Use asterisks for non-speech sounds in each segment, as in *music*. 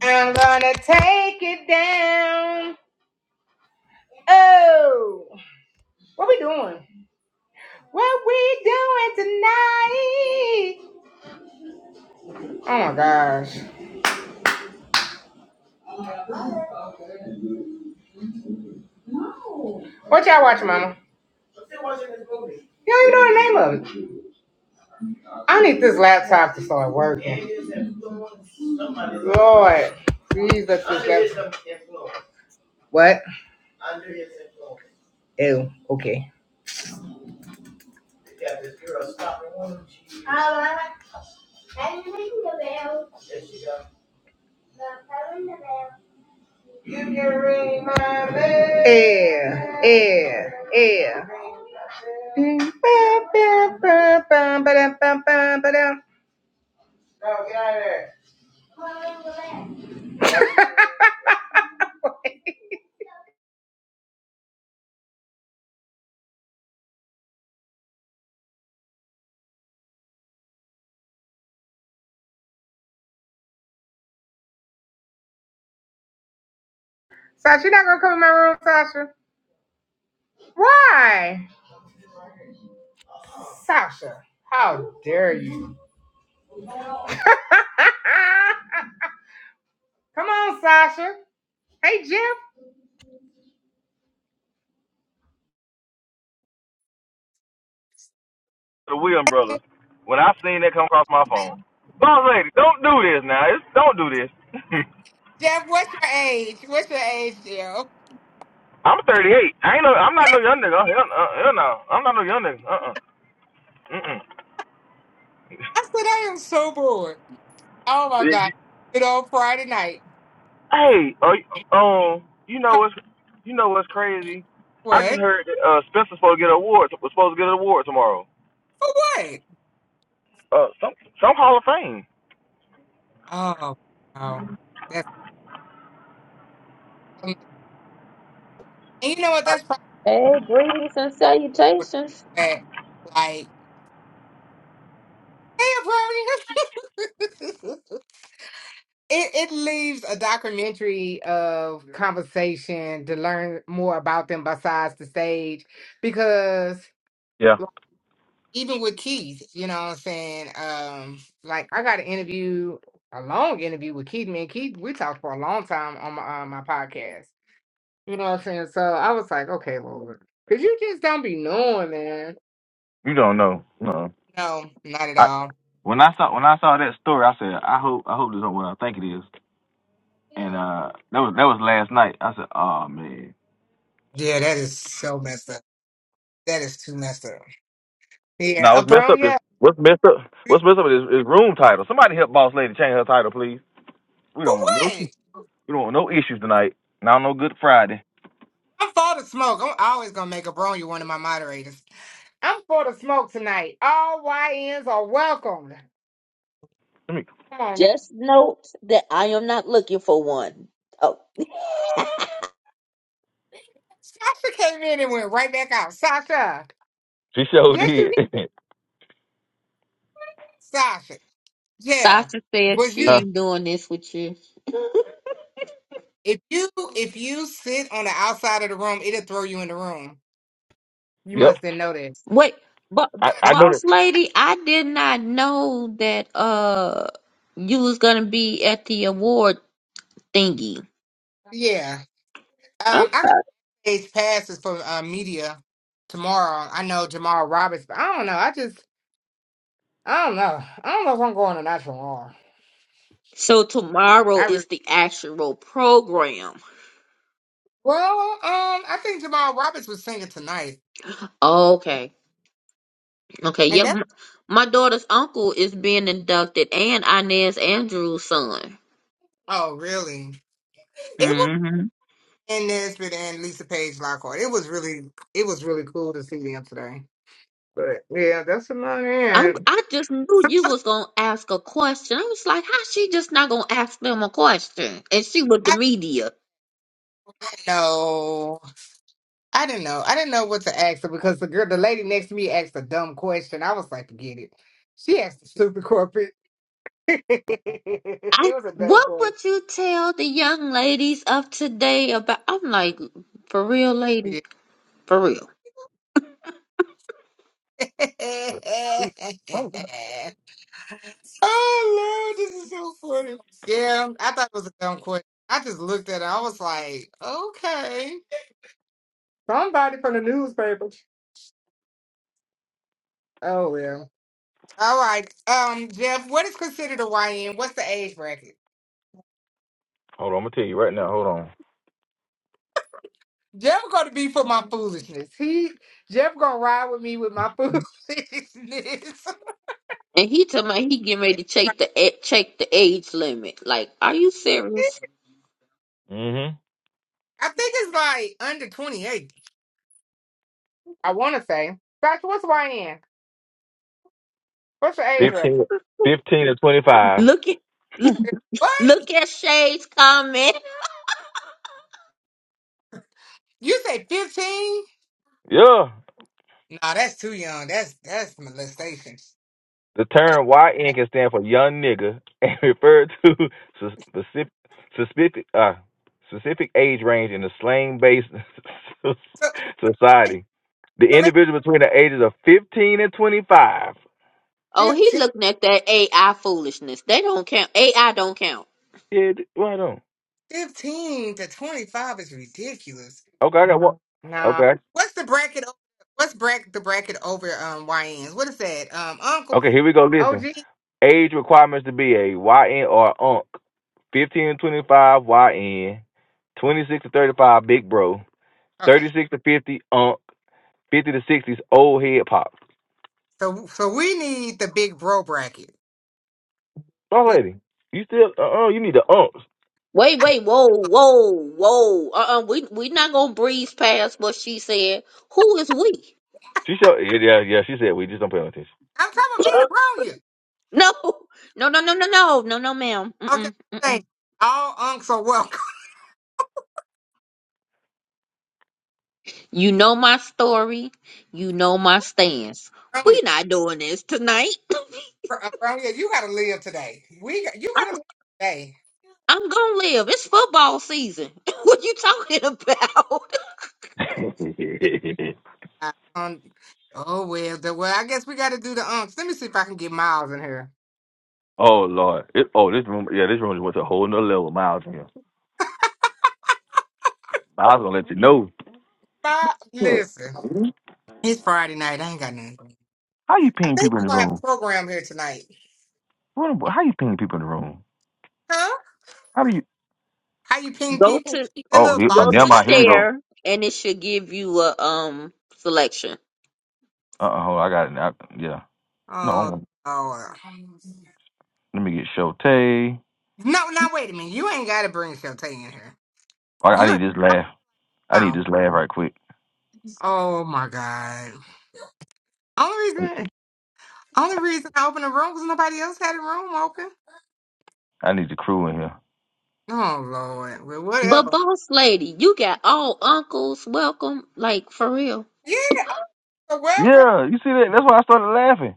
I'm gonna take it down. Oh, what we doing? What we doing tonight? Oh my gosh. What y'all watching, mama? I'm still watching this movie. You don't even know the name of it. I need this laptop to start working. Lord, please let this laptop. What? Under his influence. Oh, okay. You got this girl stopping one. All right. I didn't ring the bell. Yes, you got You can ring my bell. Yeah, yeah, yeah. Mm, ba, ba, ba, ba, ba-dum, bum, bum, ba-dum. Oh, get out of there. Sasha, you're not gonna come in my room, Sasha. Why? Sasha, how dare you? *laughs* come on, Sasha. Hey, Jeff. the Williams brothers when I seen that come across my phone. Boss lady, don't do this now. It's, don't do this. *laughs* Jeff, what's your age? What's your age, Jeff? I'm 38. I ain't no. I'm not no young nigga. Oh, Hell, uh, hell no. I'm not no young nigga. Uh uh-uh. uh. Mm I said I am so bored. Oh my god. mm. Good old Friday night. Hey, are you, um, you know what's you know what's crazy? I just What? heard that, uh Spencer's supposed to get an award. Was supposed to get an award tomorrow. For what? Uh, some some Hall of Fame. Oh, wow. That's so nice. and you know what? I, That's probably Hey, greetings and what salutations. it's at. like. Hey, Brody. *laughs* it it leaves a documentary of conversation to learn more about them besides the stage, because yeah, like, even with Keith, you know what I'm saying. Um, like I got an interview, a long interview with Keith. Me and Keith, we talked for a long time on my on my podcast. You know what I'm saying. So I was like, okay, Lord, because you just don't be knowing, man. you don't know. No. No, not at I all. when I saw when I saw that story, I said, I hope I hope this is not what I think it is. and uh, that was that was last night. I said, "Oh man, Yeah, that is so messed up. That is too messed up. Yeah, Now a what's messed up is bronya. what's messed up. What's messed up is, is room title. Somebody help boss lady change her title, please. We For don't want no what? we don't want no issues tonight. Now no good Friday. I'm for the smoke. I'm always gonna make a bronya one of my moderators. I'm for the smoke tonight. All YNs are welcome. Let me. Come on, now. Just note that I am not looking for one. Oh, Sasha came in and went right back out. Sasha, She sure yes, you did, did. *laughs* Sasha. Yeah, Sasha says was she you? huh? d- ain't doing this with you. If you if you sit on the outside of the room, it'll throw you in the room. You Yep. must have know that. Wait, but I I know that. boss lady, I did not know that uh you was gonna be at the award thingy. Yeah. Um, I Okay. days passes for uh, media tomorrow. I know Jamal Roberts, but I don't know. I just I don't know. I don't know if I'm going to natural R. So tomorrow I really is the actual program. well, um, I think Jamal Roberts was singing tonight, Okay. Okay. and Yep. that's My my daughter's uncle is being inducted, and Inez Andrews' son. oh really? It was in Nesbitt and Lisa Page Lockhart. It was really it was really cool to see them today. But yeah, that's about I'm, it. I just knew Some you other- was gonna ask a question. I was like, how she just not gonna ask them a question? And she with the I media. don't know. I didn't know. I didn't know what to ask her because the girl, the lady next to me asked a dumb question. I was like, forget it. She asked a stupid corporate. *laughs* I it was a dumb what question. would you tell the young ladies of today about? I'm like, for real, lady, Yeah. for real. Hold on. *laughs* oh, Lord, this is so funny. Yeah, I thought it was a dumb question. I just looked at it. I was like, okay. Somebody from the newspaper. Oh, well. All right. Um, Jeff, what is considered a YN? What's the age bracket? Hold on, I'm gonna tell you right now. Hold on. Jeff gonna be for my foolishness. He Jeff gonna ride with me with my *laughs* foolishness. And he told me he getting ready to check the a- check the age limit. Like, are you serious? Mhm. I think it's like under 28. I want to say. Gosh, what's YN? What's your *laughs* age range? Fifteen. Fifteen to twenty five. Look at look, What? look at Shay's comment. You say 15? Yeah. Nah, that's too young. That's that's molestation. The That's term YN right. can stand for young nigga and *laughs* refer to sus- specific, specific, uh, specific age range in a slang based *laughs* So, society. The so maybe individual between the ages of 15 and 25. Oh, he fifteen, looking at that AI foolishness. They don't count. AI don't count. Yeah, d- right on. fifteen to 25 is ridiculous. Okay, I got one. Nah. Okay. What's the bracket? o- What's bracket the bracket over um YNs? What is that? Um, Uncle? Okay, here we go. OG? Listen. Age requirements to be a YN or UNC. 15 to 25 YN. 26 to 35 Big Bro. Okay. 36 to 50 UNC. 50 to 60 is Old Head Pops. So so we need the big bro bracket. Oh, We, lady, you still? Uh, oh, you need the umps. Wait, I, wait, whoa, whoa, whoa. Uh uh we we not gonna breeze past what she said. Who is we? She showed. Yeah, yeah. yeah, She said we just don't pay no attention. I'm talking about *laughs* me and the No, no, no, no, no, no, no, no, ma'am. Bronya. Okay, Mm-mm, thank mm-mm. you. all unks are welcome. You know my story. You know my stance. *laughs* Bronya, We not doing this tonight. Bro- Bronya, you gotta live today. We got- you I'm, gotta live today. I'm gonna live. It's football season. *laughs* what you talking about? *laughs* Uh, Um, oh well, the, well I guess we gotta do the unks. Let me see if I can get Miles in here. oh Lord. It, oh, this room. Yeah, this room just went to a whole nother level. Miles in here. Miles gonna let you know. Bob, listen, it's Friday night. I ain't got nothing. How you I ping think people we're in the gonna have room? a program here tonight, What, how you ping people in the room? huh? How do you? How you *laughs* ping go people? to That Oh, little here, oh go box never with to the mind. Here we arrow. go. share, and it should give you a um selection. Uh uh Hold. on, I got it. I, yeah. No. Oh, I'm- Lord. Let me get Shote. I, No, now wait a minute. You ain't gotta bring Shantae in here. I You need this laugh. I need wow. this laugh right quick. Oh my god. Only reason only reason I opened the room because nobody else had a room open. I need the crew in here. Oh Lord. Well But whatever. boss lady, you got all uncles welcome, like for real. Yeah, oh, welcome. Yeah. You see that? That's why I started laughing.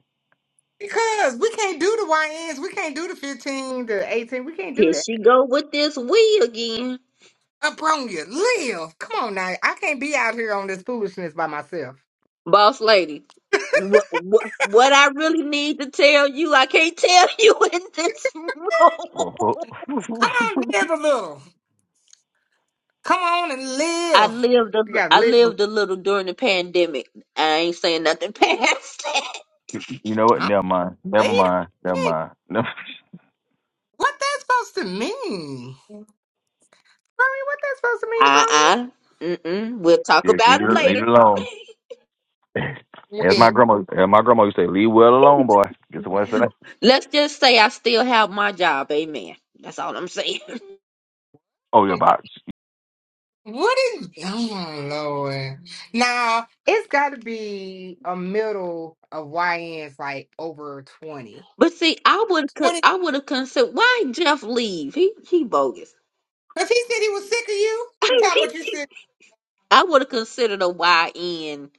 Because we can't do the YNs, we can't do the 15, the 18, we can't do Here that. she go with this we again, Up on you. Live. Come on now. I can't be out here on this foolishness by myself. boss lady. What what what I really need to tell you, I can't tell *laughs* you in this Oh, room. oh. Come on, *laughs* live a little. Come on and I live. lived a, You gotta I live a little. lived a little during the pandemic. I ain't saying nothing *laughs* past that. you know what? Huh? Never mind. Never Wait a mind. Never minute. mind. *laughs* Never- What that's supposed to mean? Bronya, what that's supposed to mean, Uh uh. Mm-mm. We'll talk Yeah, about leave it it, leave later. it alone. *laughs* Bronya? As my Wait, grandma, as my grandma used to say, leave well alone, boy. Guess what I said? Let's just say I still have my job. Amen. That's all I'm saying. Oh, your box. what is? Oh my lord! Now it's got to be a middle of YN's like over twenty. But see, I would Twenty? I would have considered why Jeff leave. He he bogus. If he said he was sick of you, tell him what you *laughs* said. I would have considered a Y in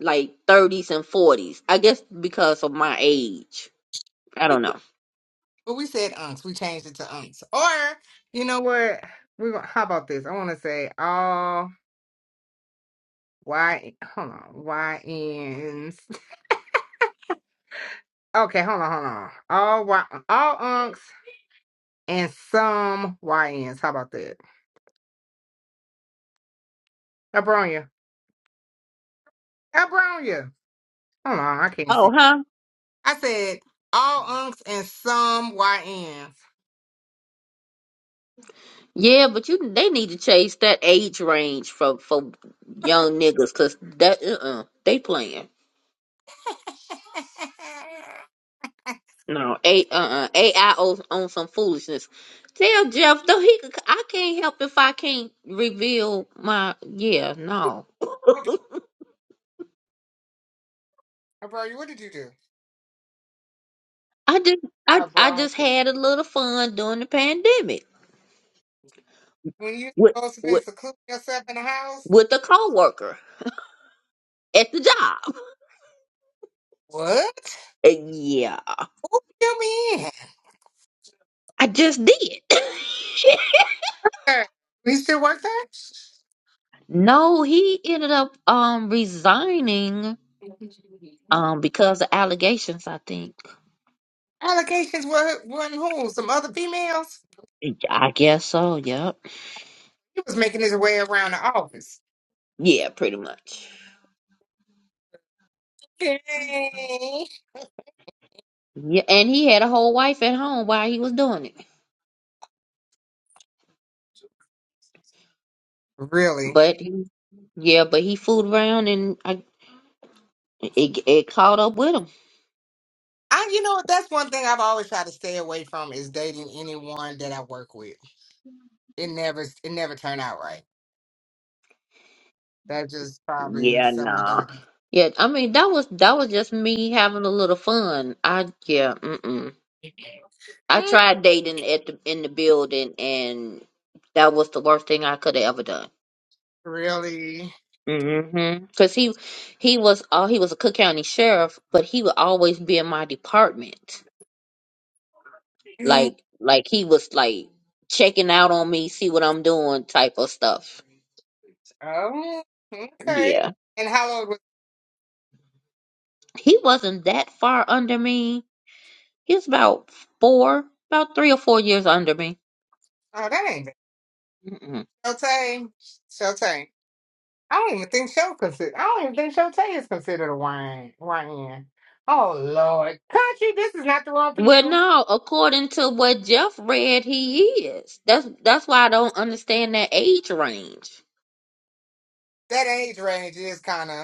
like thirties and forties. I guess because of my age. I don't know. But we said unks. We changed it to unks. Or you know what? We gon- how about this? I want to say all Y. Hold on, YNs. Okay, hold on, hold on. All Y, all unks. and some YNs. How about that? Abronia. Abronia. Hold on, I can't see. Oh, huh? I said all unks and some YNs. Yeah, but you they need to chase that age range for for young niggas because that uh uh they playing. *laughs* No, a uh uh AI on, on some foolishness. Tell Jeff though he could, I can't help if I can't reveal my yeah no. *laughs* Abronia, what did you do? I just I, I Abronia. just had a little fun during the pandemic When you with supposed to be with secluding yourself in the house? with a coworker at the job. What? And yeah, Who you mean? I just did. *laughs* Sir, We still work there? no, he ended up um resigning um because of allegations, I think. Allegations were one who? Some other females? I guess so, yep. He was making his way around the office. Yeah, pretty much. Okay. Yeah, and he had a whole wife at home while he was doing it. Really? But he, yeah, but he fooled around and I, it, it caught up with him. I, you know, that's one thing I've always tried to stay away from is dating anyone that I work with. It never, it never turned out right. That's just probably Yeah, something I nah. don't do. Yeah, I mean that was that was just me having a little fun. I yeah, mm-mm. I Mm, tried dating at the in the building, and that was the worst thing I could have ever done. Really? Mm-hmm. Because he he was uh, he was a Cook County sheriff, but he would always be in my department, like like he was like checking out on me, see what I'm doing, type of stuff. Oh, okay. Yeah, And how long was? he wasn't that far under me. He was about four, about three or four years under me Oh, that ain't bad. Mm-mm. Shotay. Shotay. I don't even think Show consider. I don't even think Shotay is considered a wine. Wine. Oh Lord, country. This is not the one for Well, you. no, according to what Jeff read, he is. That's that's why I don't understand that age range. That age range is kind of.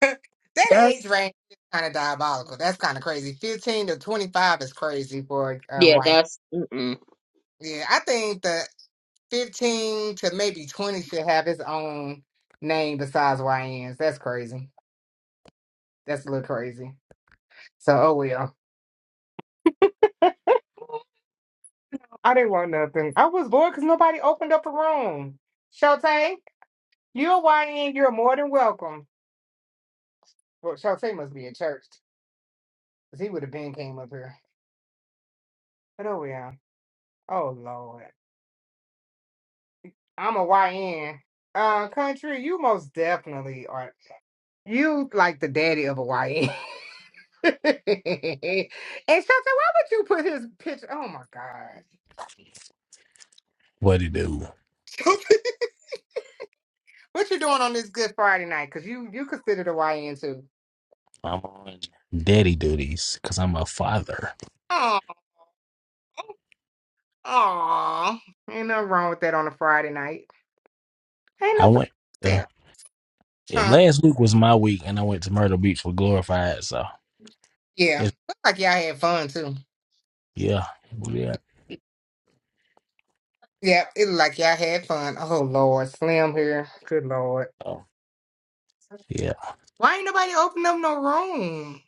*laughs* that age That's range is kind of diabolical. That's kind of crazy. 15 to 25 is crazy for uh, yeah, right. that's mm-mm. Yeah, I think the 15 to maybe 20 should have its own name besides YNs. That's crazy. That's a little crazy. So, oh well. I didn't want nothing. I was bored because nobody opened up a room. Shote, you're a YN. You're more than welcome. Well, Shote must be in church because he would have been came up here. But oh well. Oh, Lord. I'm a YN. Uh, country, you most definitely are. You like the daddy of a YN. *laughs* and Shelton, why would you put his picture? Oh my God. What it do? *laughs* what you doing on this Good Friday night? Because you, you considered a YN too. I'm on daddy duties because I'm a father. Oh, oh. Ain't nothing wrong with that on a Friday night. Ain't I nothing wrong went with to, that. yeah, Huh? last week was my week, and I went to Myrtle Beach with Glorified. So Yeah. it's, Look like y'all had fun too. yeah, yeah, Yeah, it looked like y'all had fun. Oh Lord, Slim here. Good Lord. so, yeah. Why ain't nobody open up no room?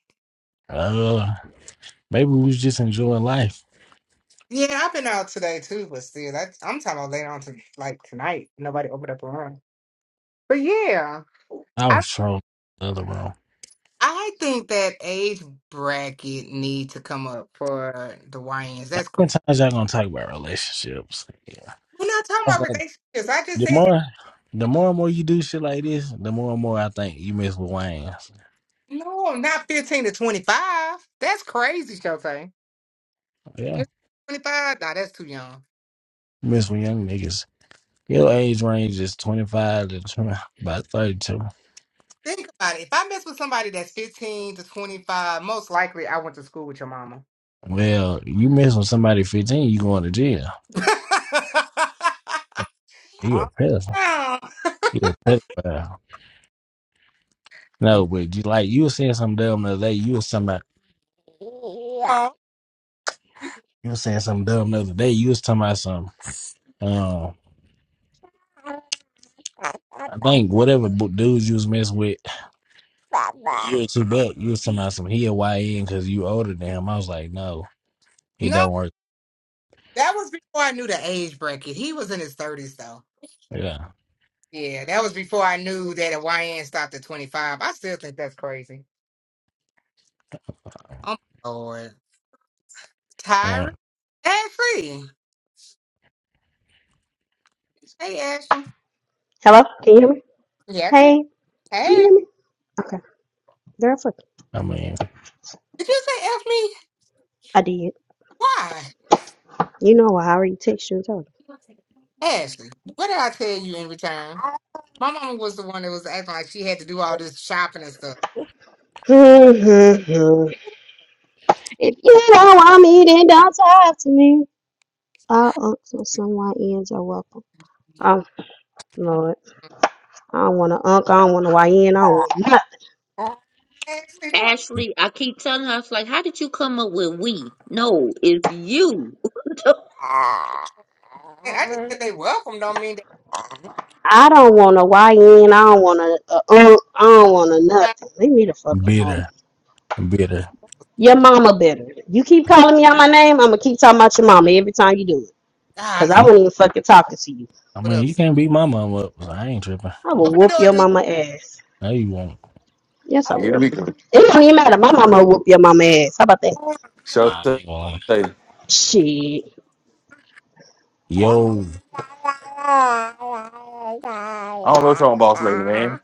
Uh, maybe we was just enjoying life. Yeah, I've been out today too, but still, that, I'm talking about later on to like tonight. Nobody opened up a room, but yeah, I I was trolling the other room. How I think that age bracket need to come up for the YNs. That's crazy. many times y'all gonna talk about relationships? Yeah, I We're not talking was about like, relationships. I just the said more, the more and more you do shit like this, the more and more I think you mess with Wayne. no, I'm not 15 to 25. That's crazy, Shotay. Yeah, 15 to 25? Nah, that's too young. you mess with young niggas. Your Nah. age range is 25 to 20, about 32. Think about it. If I mess with somebody that's 15 to 25, most likely I went to school with your mama. Well, you mess with somebody 15, you going to jail. *laughs* I You're a don't pedophile. know. You're a pedophile. No, but you like you were saying something dumb the other day. You was talking about you Oh, was saying something dumb the other day. You was talking about some um I think whatever bu- dudes you was messing with you were too buck. You was talking about some he a YN because you older than him. I was like, no, it no. don't work. That was before I knew the age bracket. He was in his 30s, though. Yeah. Yeah, that was before I knew that a YN stopped at 25. I still think that's crazy. Oh, my Lord. Tyra? Well, Ad Hey, Ashley. Hello? Can you hear me? Yeah, I get Hey, can you Hey. hear me? Okay. Girl, fuck it. I mean. Did you say F me? I did. Why? You know why I already text you and told Ashley, what did I tell you in return? My mama was the one that was acting like she had to do all this shopping and stuff. you. *laughs* if you don't want me, then don't talk to me. All unks and some YNs are welcome. Oh, Lord. I don't want an unk. I don't want a YN. I don't want nothing. Ashley, don't. Ashley. I keep telling her, I was like, "How did you come up with we?" No, it's you. *laughs* I just said they welcome don't mean I don't want a YN. I don't want a, a unk. I don't want a that. nothing. Leave me the fuck alone. Bitter, bitter. Your mama better. You keep calling me out my name, I'm going to keep talking about your mama every time you do it. Because I He- Golly, wasn't even fucking talking to you. I what up? mean, you can't beat my mom up. So I ain't tripping. I will Open the whoop door, your dude. mama ass. No, you won't. Yes, I Here will. we go. It don't even matter. My mama will whoop your mama ass. How about that? Nah, Shut I up. ain't going. Hey, Shit. Yo. I don't know what's wrong, boss lady, man.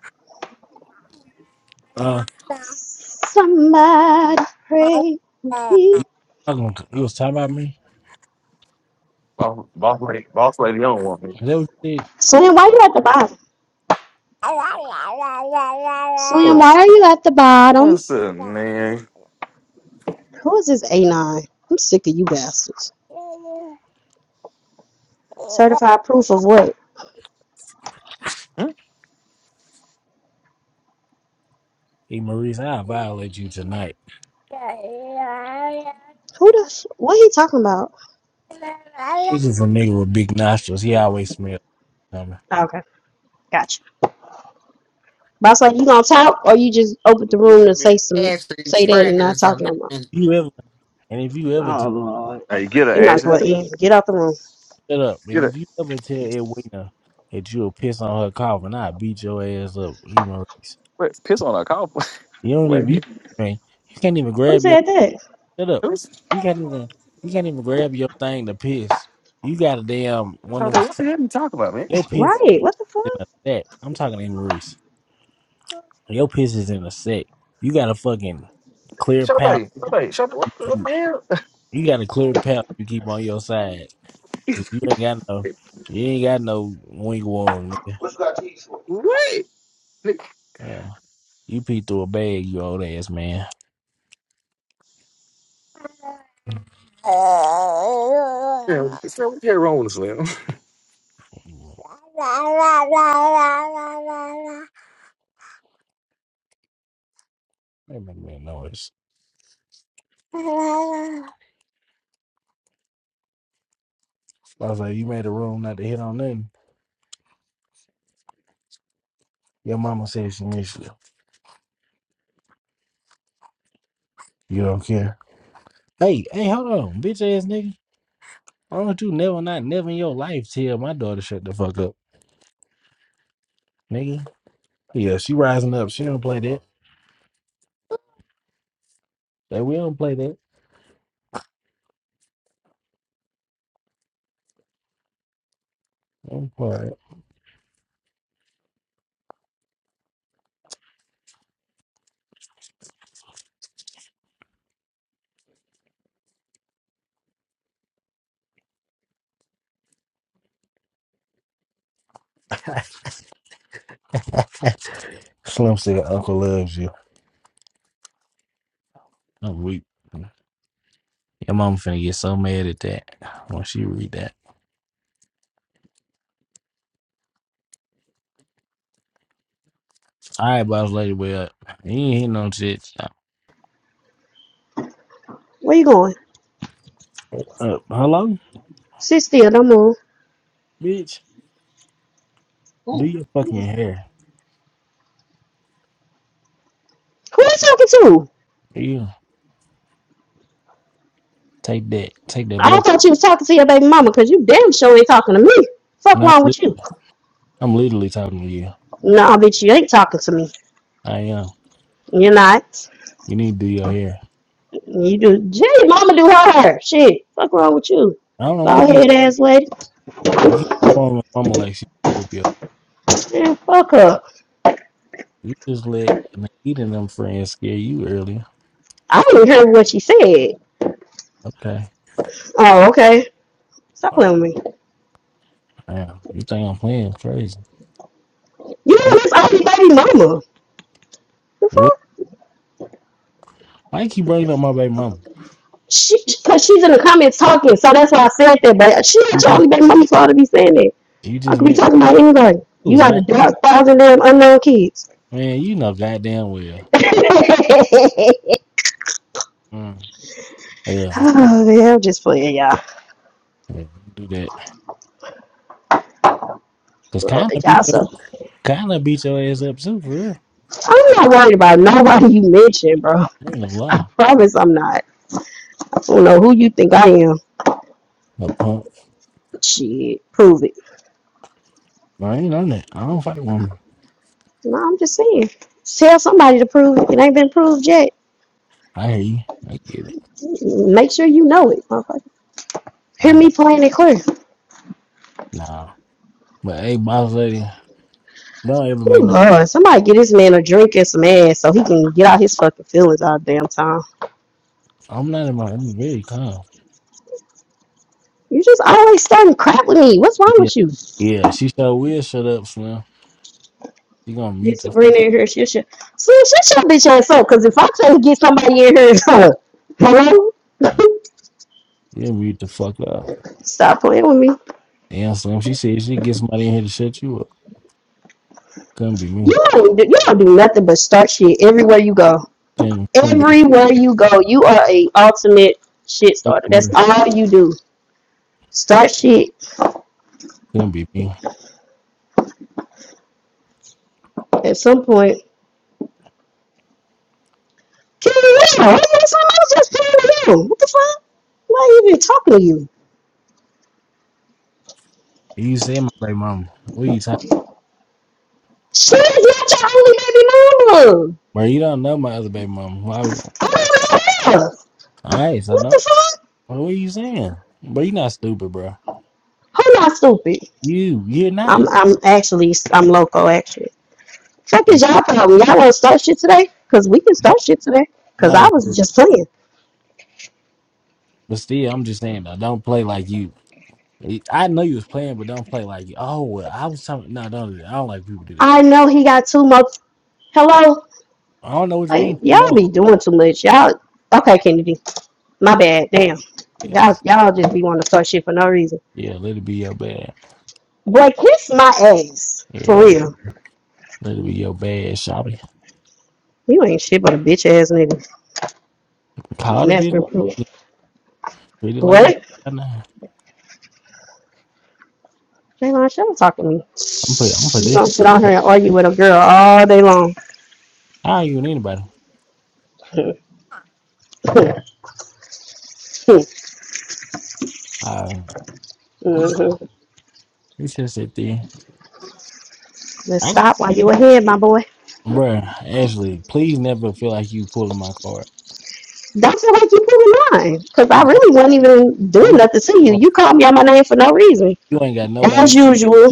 Uh, Somebody pray for you me. talking to, you was talking about me? Boss, boss lady, boss lady, you don't want me. Is that what you said? Slim, why you at the bottom? Slim, why What's, are you at the bottom? what's up, man? Who is this A9? I'm sick of you bastards. Certified proof of what? Hmm? Hey, Maurice, I'll violate you tonight. This Who the f- what he talking about? is a nigga with big nostrils. He always smells something. Oh, Okay, gotcha. Boss like you gonna talk or you just open the room to say some Ashley, say that Spratt and here, not so talk give no me more. a minute. You ever and if you ever t- Hey, get her, You might as Ashley. well end. Get out the room. shut up, Get and her. if you ever tell Edwina that you'll piss on her coffin, I'll beat your ass up, even race. Wait, piss on her cow. *laughs* You don't even you, Wait, man, you can't even Who grab your said that? shut up. who's? You can't even you can't even grab your thing to piss. You got a damn one of Charlie, them what sa- the hell are you talking about, man? your piss is Right. What the in fuck? a sack. I'm talking to Maurice. Your piss is in a sack. You got a fucking clear pouch. Sade, Sade, Sade, what, what the hell? You got a clear path you keep on your side. *laughs* Cause you ain't got no you ain't got no wing warm, nigga. What? Nigga, Uh, you pee through a bag, you old ass man. Damn, Slim, what the hell wrong with Slim? That make me noise. I was like, you made a room not to hit on nothing. Your mama said she missed you. You don't care. Hey, hey, hold on, bitch ass nigga. Why don't you never not never in your life tell my daughter shut the fuck up, nigga? Yeah, she rising up. She don't play that. Like, we don't play that. We Don't play that. Slim said, "Uncle loves you." I'm weak. Your mama finna get so mad at that when she read that. All right, boss lady, well, up. You ain't hit no shit. Where you going? Uh, hello, Sit still, don't move. bitch. Do your fucking hair. Who are you talking to? Do you take that? Take that I black. thought you was talking to your baby mama, cause you damn sure ain't talking to me. Fuck And I'm, wrong li- with you? I'm literally talking to you. Nah, bitch, you ain't talking to me. I am. You're not. You need to do your hair. You do. Jay, mama do her hair. Shit. Fuck wrong with you? I don't know why you Bald keep head ass lady. you keep calling my mama like she whoop your. Man, fuck her. You just let Nikita and them friends scare you earlier. I didn't hear what she said. Okay. Oh, okay. Stop playing with me. Damn, you think I'm playing crazy? You know Hey, this ugly baby mama. The what? fuck? Why you keep bringing up my baby mama? She, cause she's in the comments talking, so that's why I said that. But she not You your just, only baby mama for her to be saying that. you I just could be meant talking about anybody. it You was got a not. thousand damn unknown kids. Man, you know goddamn well. *laughs* oh, Mm. Yeah, man, I'm just playing, y'all. yeah, do that. Cause Well, kind of beat y'all your, so kind of beat your ass up too, for real. I'm not worried about nobody you mentioned, bro. I ain't no I lie. promise I'm not. I don't know who you think I am. No punk. Shit, prove it. I ain't on that. I don't fight women. No, I'm just saying. Tell somebody to prove it. It ain't been proved yet. I hear you. I get it. Make sure you know it, Hear I me don't. playing it clear. Nah. But hey, boss lady, don't ever make Ooh, no. Lord, somebody get this man a drink and some ass so he can get out his fucking feelings all the damn time. I'm not in my. I'm very calm. You just always starting crap with me. What's wrong Yeah, with you? yeah. She sure will shut up, Slim. She gonna Get mute the Sabrina fuck in here. She'll shut. See, shut your bitch ass up. Cause if I try to get somebody in here, *laughs* hello, *laughs* up. You mute the fuck up. stop playing with me. Damn, Slim, she said she get somebody in here to shut you up. Couldn't be me. You don't, do, you don't do nothing but start shit everywhere you go. Couldn't, couldn't be Everywhere you go, you are a ultimate shit couldn't starter. be That's me. all you do. Start shit. Couldn't be me. At some point, Kim, yeah, I was just playing with you. What the fuck? I'm not even talking to you. You say my baby mama. What are you talking She's not your only baby mama. Bro, you don't know my other baby mama. Why would I don't know. Alright, so What the don't fuck? bro, what are you saying? Bro, you not stupid, bro. Who not stupid? You you're not. I'm I'm actually I'm loco actually. Fuck is You y'all problem. Y'all wanna start shit today? Cause we can no start shit today. Cause I no was but just playing. but still I'm just saying though, don't play like you. I know you was playing, but don't play like you. Oh well, I was talking no, don't do that. I don't like people do that. I know he got too much. Hello, I don't know what you like mean too y'all much. be doing too much. Y'all okay, Kennedy? My bad. Damn. Yeah. Y'all y'all just be wanting to start shit for no reason. Yeah, let it be your bad. Boy, kiss my ass for Yeah, real. let it be your bad shop. You ain't shit but a bitch ass nigga, Call and the that's bitch, real proof. treat it like a bitch. What? Nah, Jalen, shut up talk to me. I'm put I'm put You this. gonna sit on here and argue with a girl all day long. I ain't even anybody. *laughs* Uh, we mm-hmm. we should sit there. Just I got, stop while you are ahead, my boy. bruh, Ashley, please never feel like you pulling my card. Don't feel like you put in line. Because I No, really wasn't even doing I'm just nothing to you. well, You called me out my name for no reason. you ain't got nobody. As usual,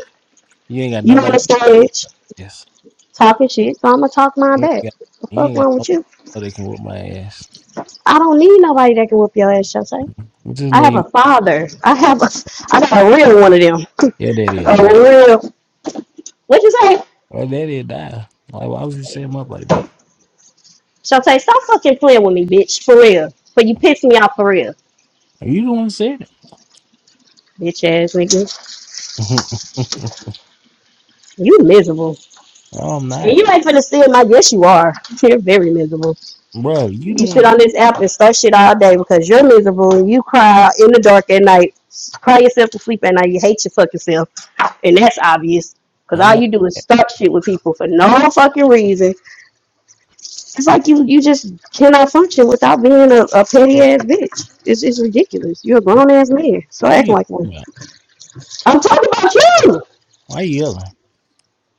You ain't got you on nobody. the stage Yes, talking shit, so I'm gonna talk mine you ain't back. got The you fuck ain't got wrong nobody with you? so they can whoop my ass. I don't need nobody that can whoop your ass, Shay. You just I have need a father. I have a I got a real one of them. your daddy'll A die. real what'd you say? Or daddy'll die. Like why would you set him up like that? Shantae, stop fucking playing with me, bitch. For real. But you piss me off for real. You the one said it. Bitch ass nigga. *laughs* no, You miserable. I'm And not, you ain't finna steal my yes you are. *laughs* You're very miserable. bruh. You the You one. sit on this app and start shit all day because you're miserable and you cry in the dark at night. Cry yourself to sleep at night. You hate your fucking self. And that's obvious. Cause I'm all not, you do is start shit with people for no fucking reason. It's like you you just cannot function without being a, a petty bruh. ass bitch. It's it's ridiculous. You're a grown ass man. Start What are acting you like one. talking about? I'm talking about you. Why you yelling?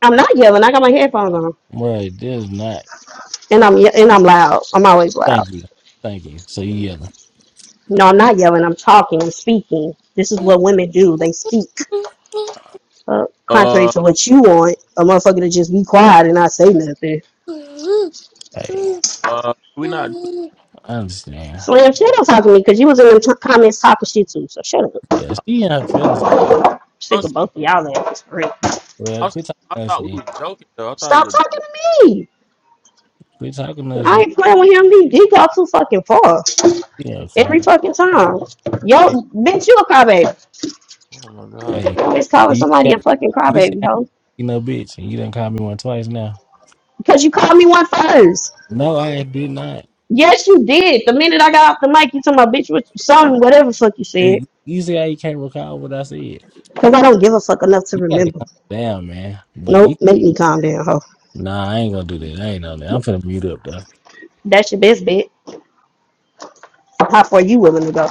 I'm not yelling. I got my headphones on, Bro, there's not. and I'm ye- and I'm loud. I'm always loud. Thank you. Thank you. So you yelling. No, I'm not yelling. I'm talking. I'm speaking. This is what women do. They speak. Uh, contrary Uh, to what you want, a motherfucker to just be quiet and not say nothing. Hey, uh, we not. I understand. Slam, shut up talking to me because you was in the t- comments talking shit too. So shut up. Yeah, she in her feelings. I'm I Sick of was, both of y'all asses for real. I Well, was, quit talking I to us thought we then. was joking though. I thought it Stop was a. talking to me. Quit talking to us I then. ain't playing with him. He, he go too fucking far Yeah, cry every about fucking time. shit. Yo, bitch, you a crybaby. Oh my god. Hey, Always calling you somebody got, a fucking you said crybaby, I hoe. you no bitch, and you done called me one twice now. because you called me one first. No, I did not. Yes, you did. The minute I got off the mic, you told my bitch with something, whatever fuck you said. Hey, You see how you can't recall what I said. You Because I don't give a fuck enough to gotta remember. calm down, man. But Nope, you, make me calm down, ho. nah, I ain't gonna do that. I ain't on that. I'm finna mute up though. That's your best bet. How far are you willing to go?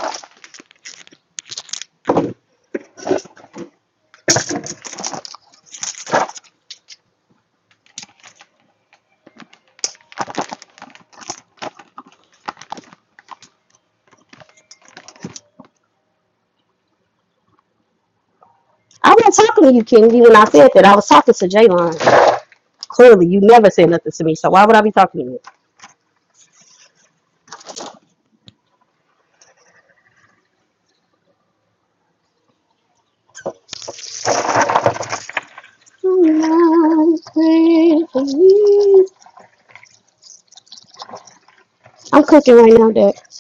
I wasn't talking to you, Kennedy, when I said that. I was talking to Jaylon. Clearly, you never said nothing to me, so why would I be talking to you? I'm cooking right now, Dad.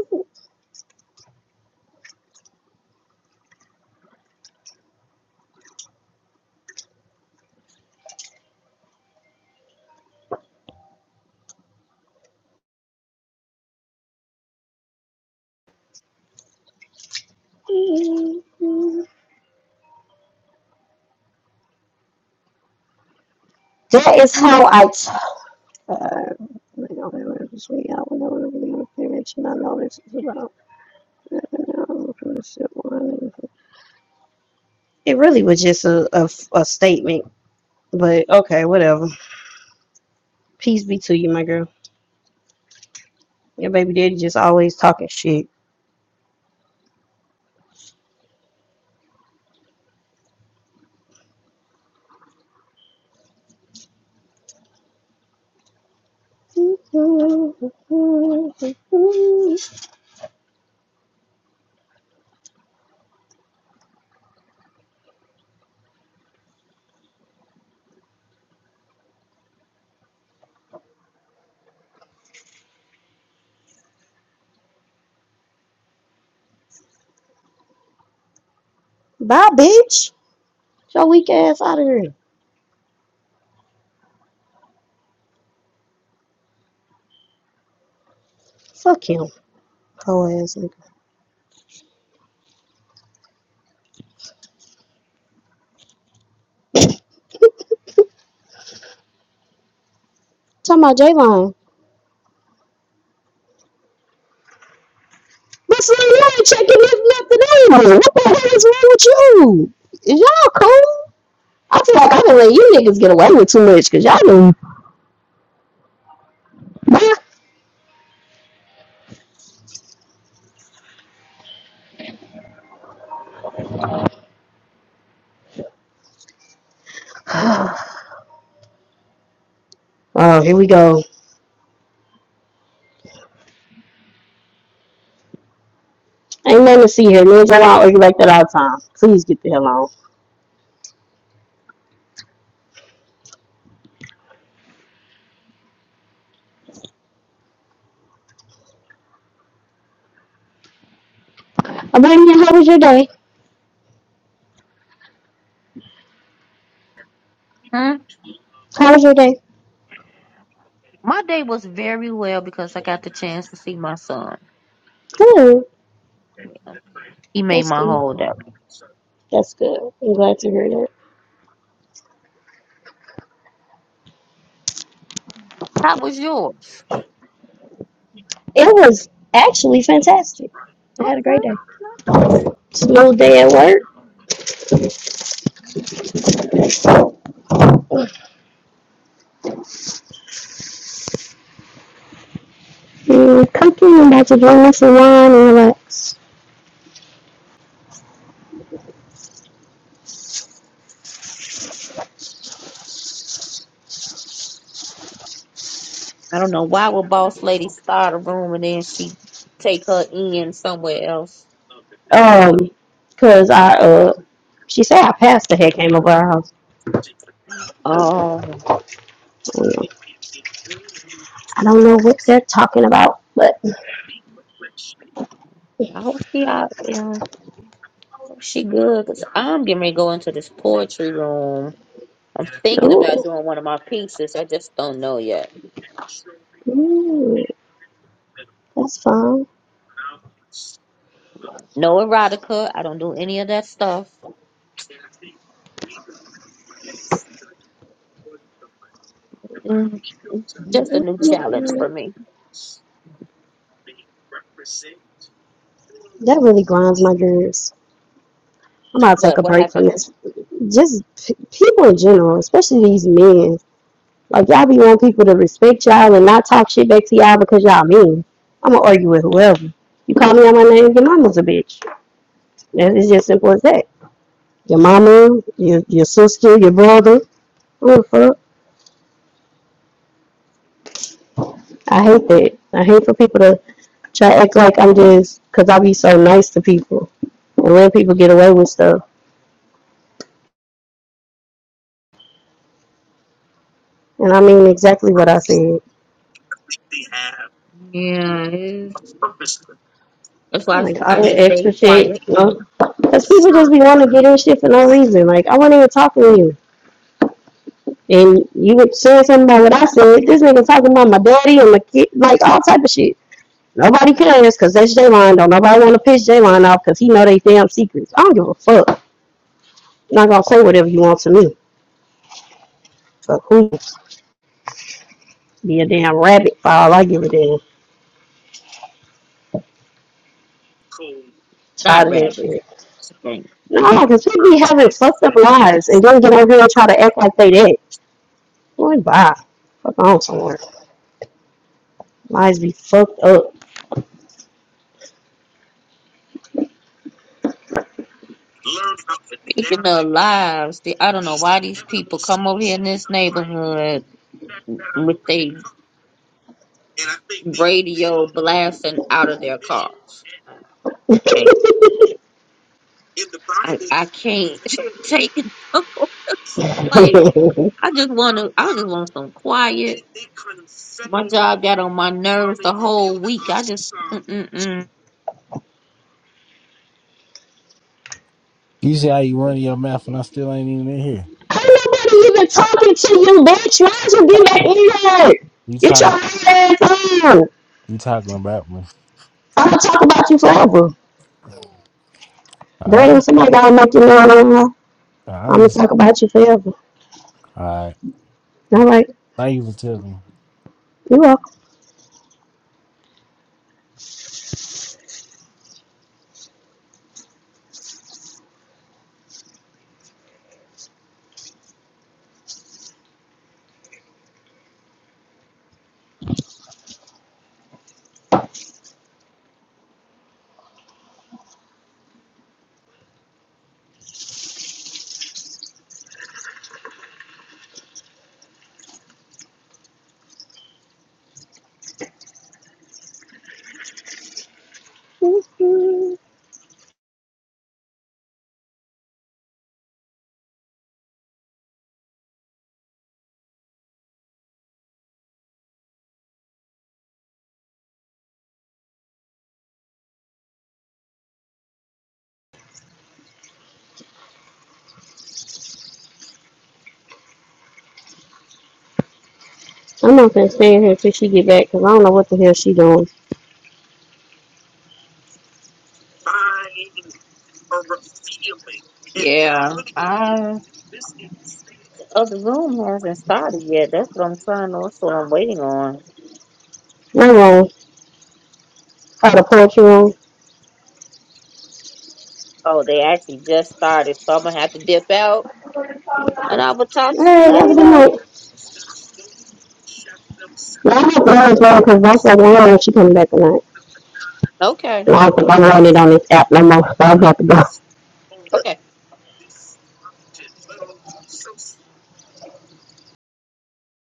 *laughs* That is how I. T- uh, I don't know what it was, we got one over there, pretty much, and I know this is about- It really was just a, a, a statement, but okay, whatever. Peace be to you, my girl. Your baby daddy just always talking shit. Bye, bitch. Get Your weak ass out of here. Fuck him, whole ass nigga. Talking about J-Line. But see, you ain't checking if nothing in here. What the hell is wrong with you? Is y'all cool? I feel like I done let you niggas get away with too much because y'all done. *sighs* Oh, here we go. Ain't nothing to see here. Niggas are all argue like that all the time. Please get the hell on. Abania, how was your day? Hmm? How was your day? My day was very well because I got the chance to see my son. Good. He made That's my good. whole day. That's good. I'm glad to hear that. That was yours. It was actually fantastic. I had a great Okay. day. Slow day at work. Mm, cooking, about to drink some wine and relax. I don't know why would boss lady start a room and then she take her in somewhere else. Um, cause I uh, she said our pastor had came over our house. Oh. Mm, I don't know what they're talking about, but I hope she out. Yeah, hope she good. Cause I'm getting ready to go into this poetry room. I'm thinking about ooh, doing one of my pieces. I just don't know yet. mm, that's fine. No erotica. I don't do any of that stuff. Mm, Just a new challenge That for me. really grinds my gears. I'm about to take But a what break happened? from this. Just p- people in general, especially these men. Like y'all be wanting people to respect y'all and not talk shit back to y'all because y'all mean. I'm gonna argue with whoever. You call me on my name, your mama's a bitch. It's just simple as that. Your mama, your your sister, your brother. Ooh, fuck. I hate that. I hate for people to try to act like I'm just, because I be so nice to people and let people get away with stuff. And I mean exactly what I said. Yeah, it is. that's why Like all I, I that just stay extra shit, quiet. you know? Because people just be wanting to get in shit for no reason. Like, I wasn't even talking to you. And you were saying something about what I said. This nigga talking about my daddy and my kid, like all type of shit. Nobody cares because that's J-Line. Don't nobody want to piss J-Line off because he know they damn secrets. I don't give a fuck. You're not going to say whatever you want to me. Fuck who? Be a damn rabbit for all I give a damn. Not Tired of that rabbit. shit. I No, because people be having fucked up lives and don't get over here and try to act like they that. Boy, bye. Fuck on somewhere. Lives be fucked up. *laughs* Speaking of lives, see, I don't know why these people come over here in this neighborhood with they. And I think radio blasting out of their cars. Okay. I, I can't *laughs* take it. no more. *laughs* Ain't like nobody I just wanna I just want some quiet. My job got on my nerves the whole week. I just mm-mm-mm. You see how you run your mouth and I still ain't even in here. even talking to you, bitch. Why is you getting back in here? You Get your talking ass on. you talking about me. I'm gonna talk about you forever. Damn, Alright. somebody gotta make you know I'm I gonna understand. talk about you forever. Alright. All right, Thank you for telling me. you're welcome. I'm not gonna stand here till she get back because I don't know what the hell she doing. yeah. I the other room hasn't started yet. That's what I'm trying. That's what I'm waiting on. No wrong. Oh, the poetry room. Oh, they actually just started, so I'm gonna have to dip out, and I will talk All to you right, have a good later. night. Now, I hope Lauren's well because that's like Lauren if she comes back tonight. Okay, And I don't think I'm running on this app no more, so I'm about to have to go. okay.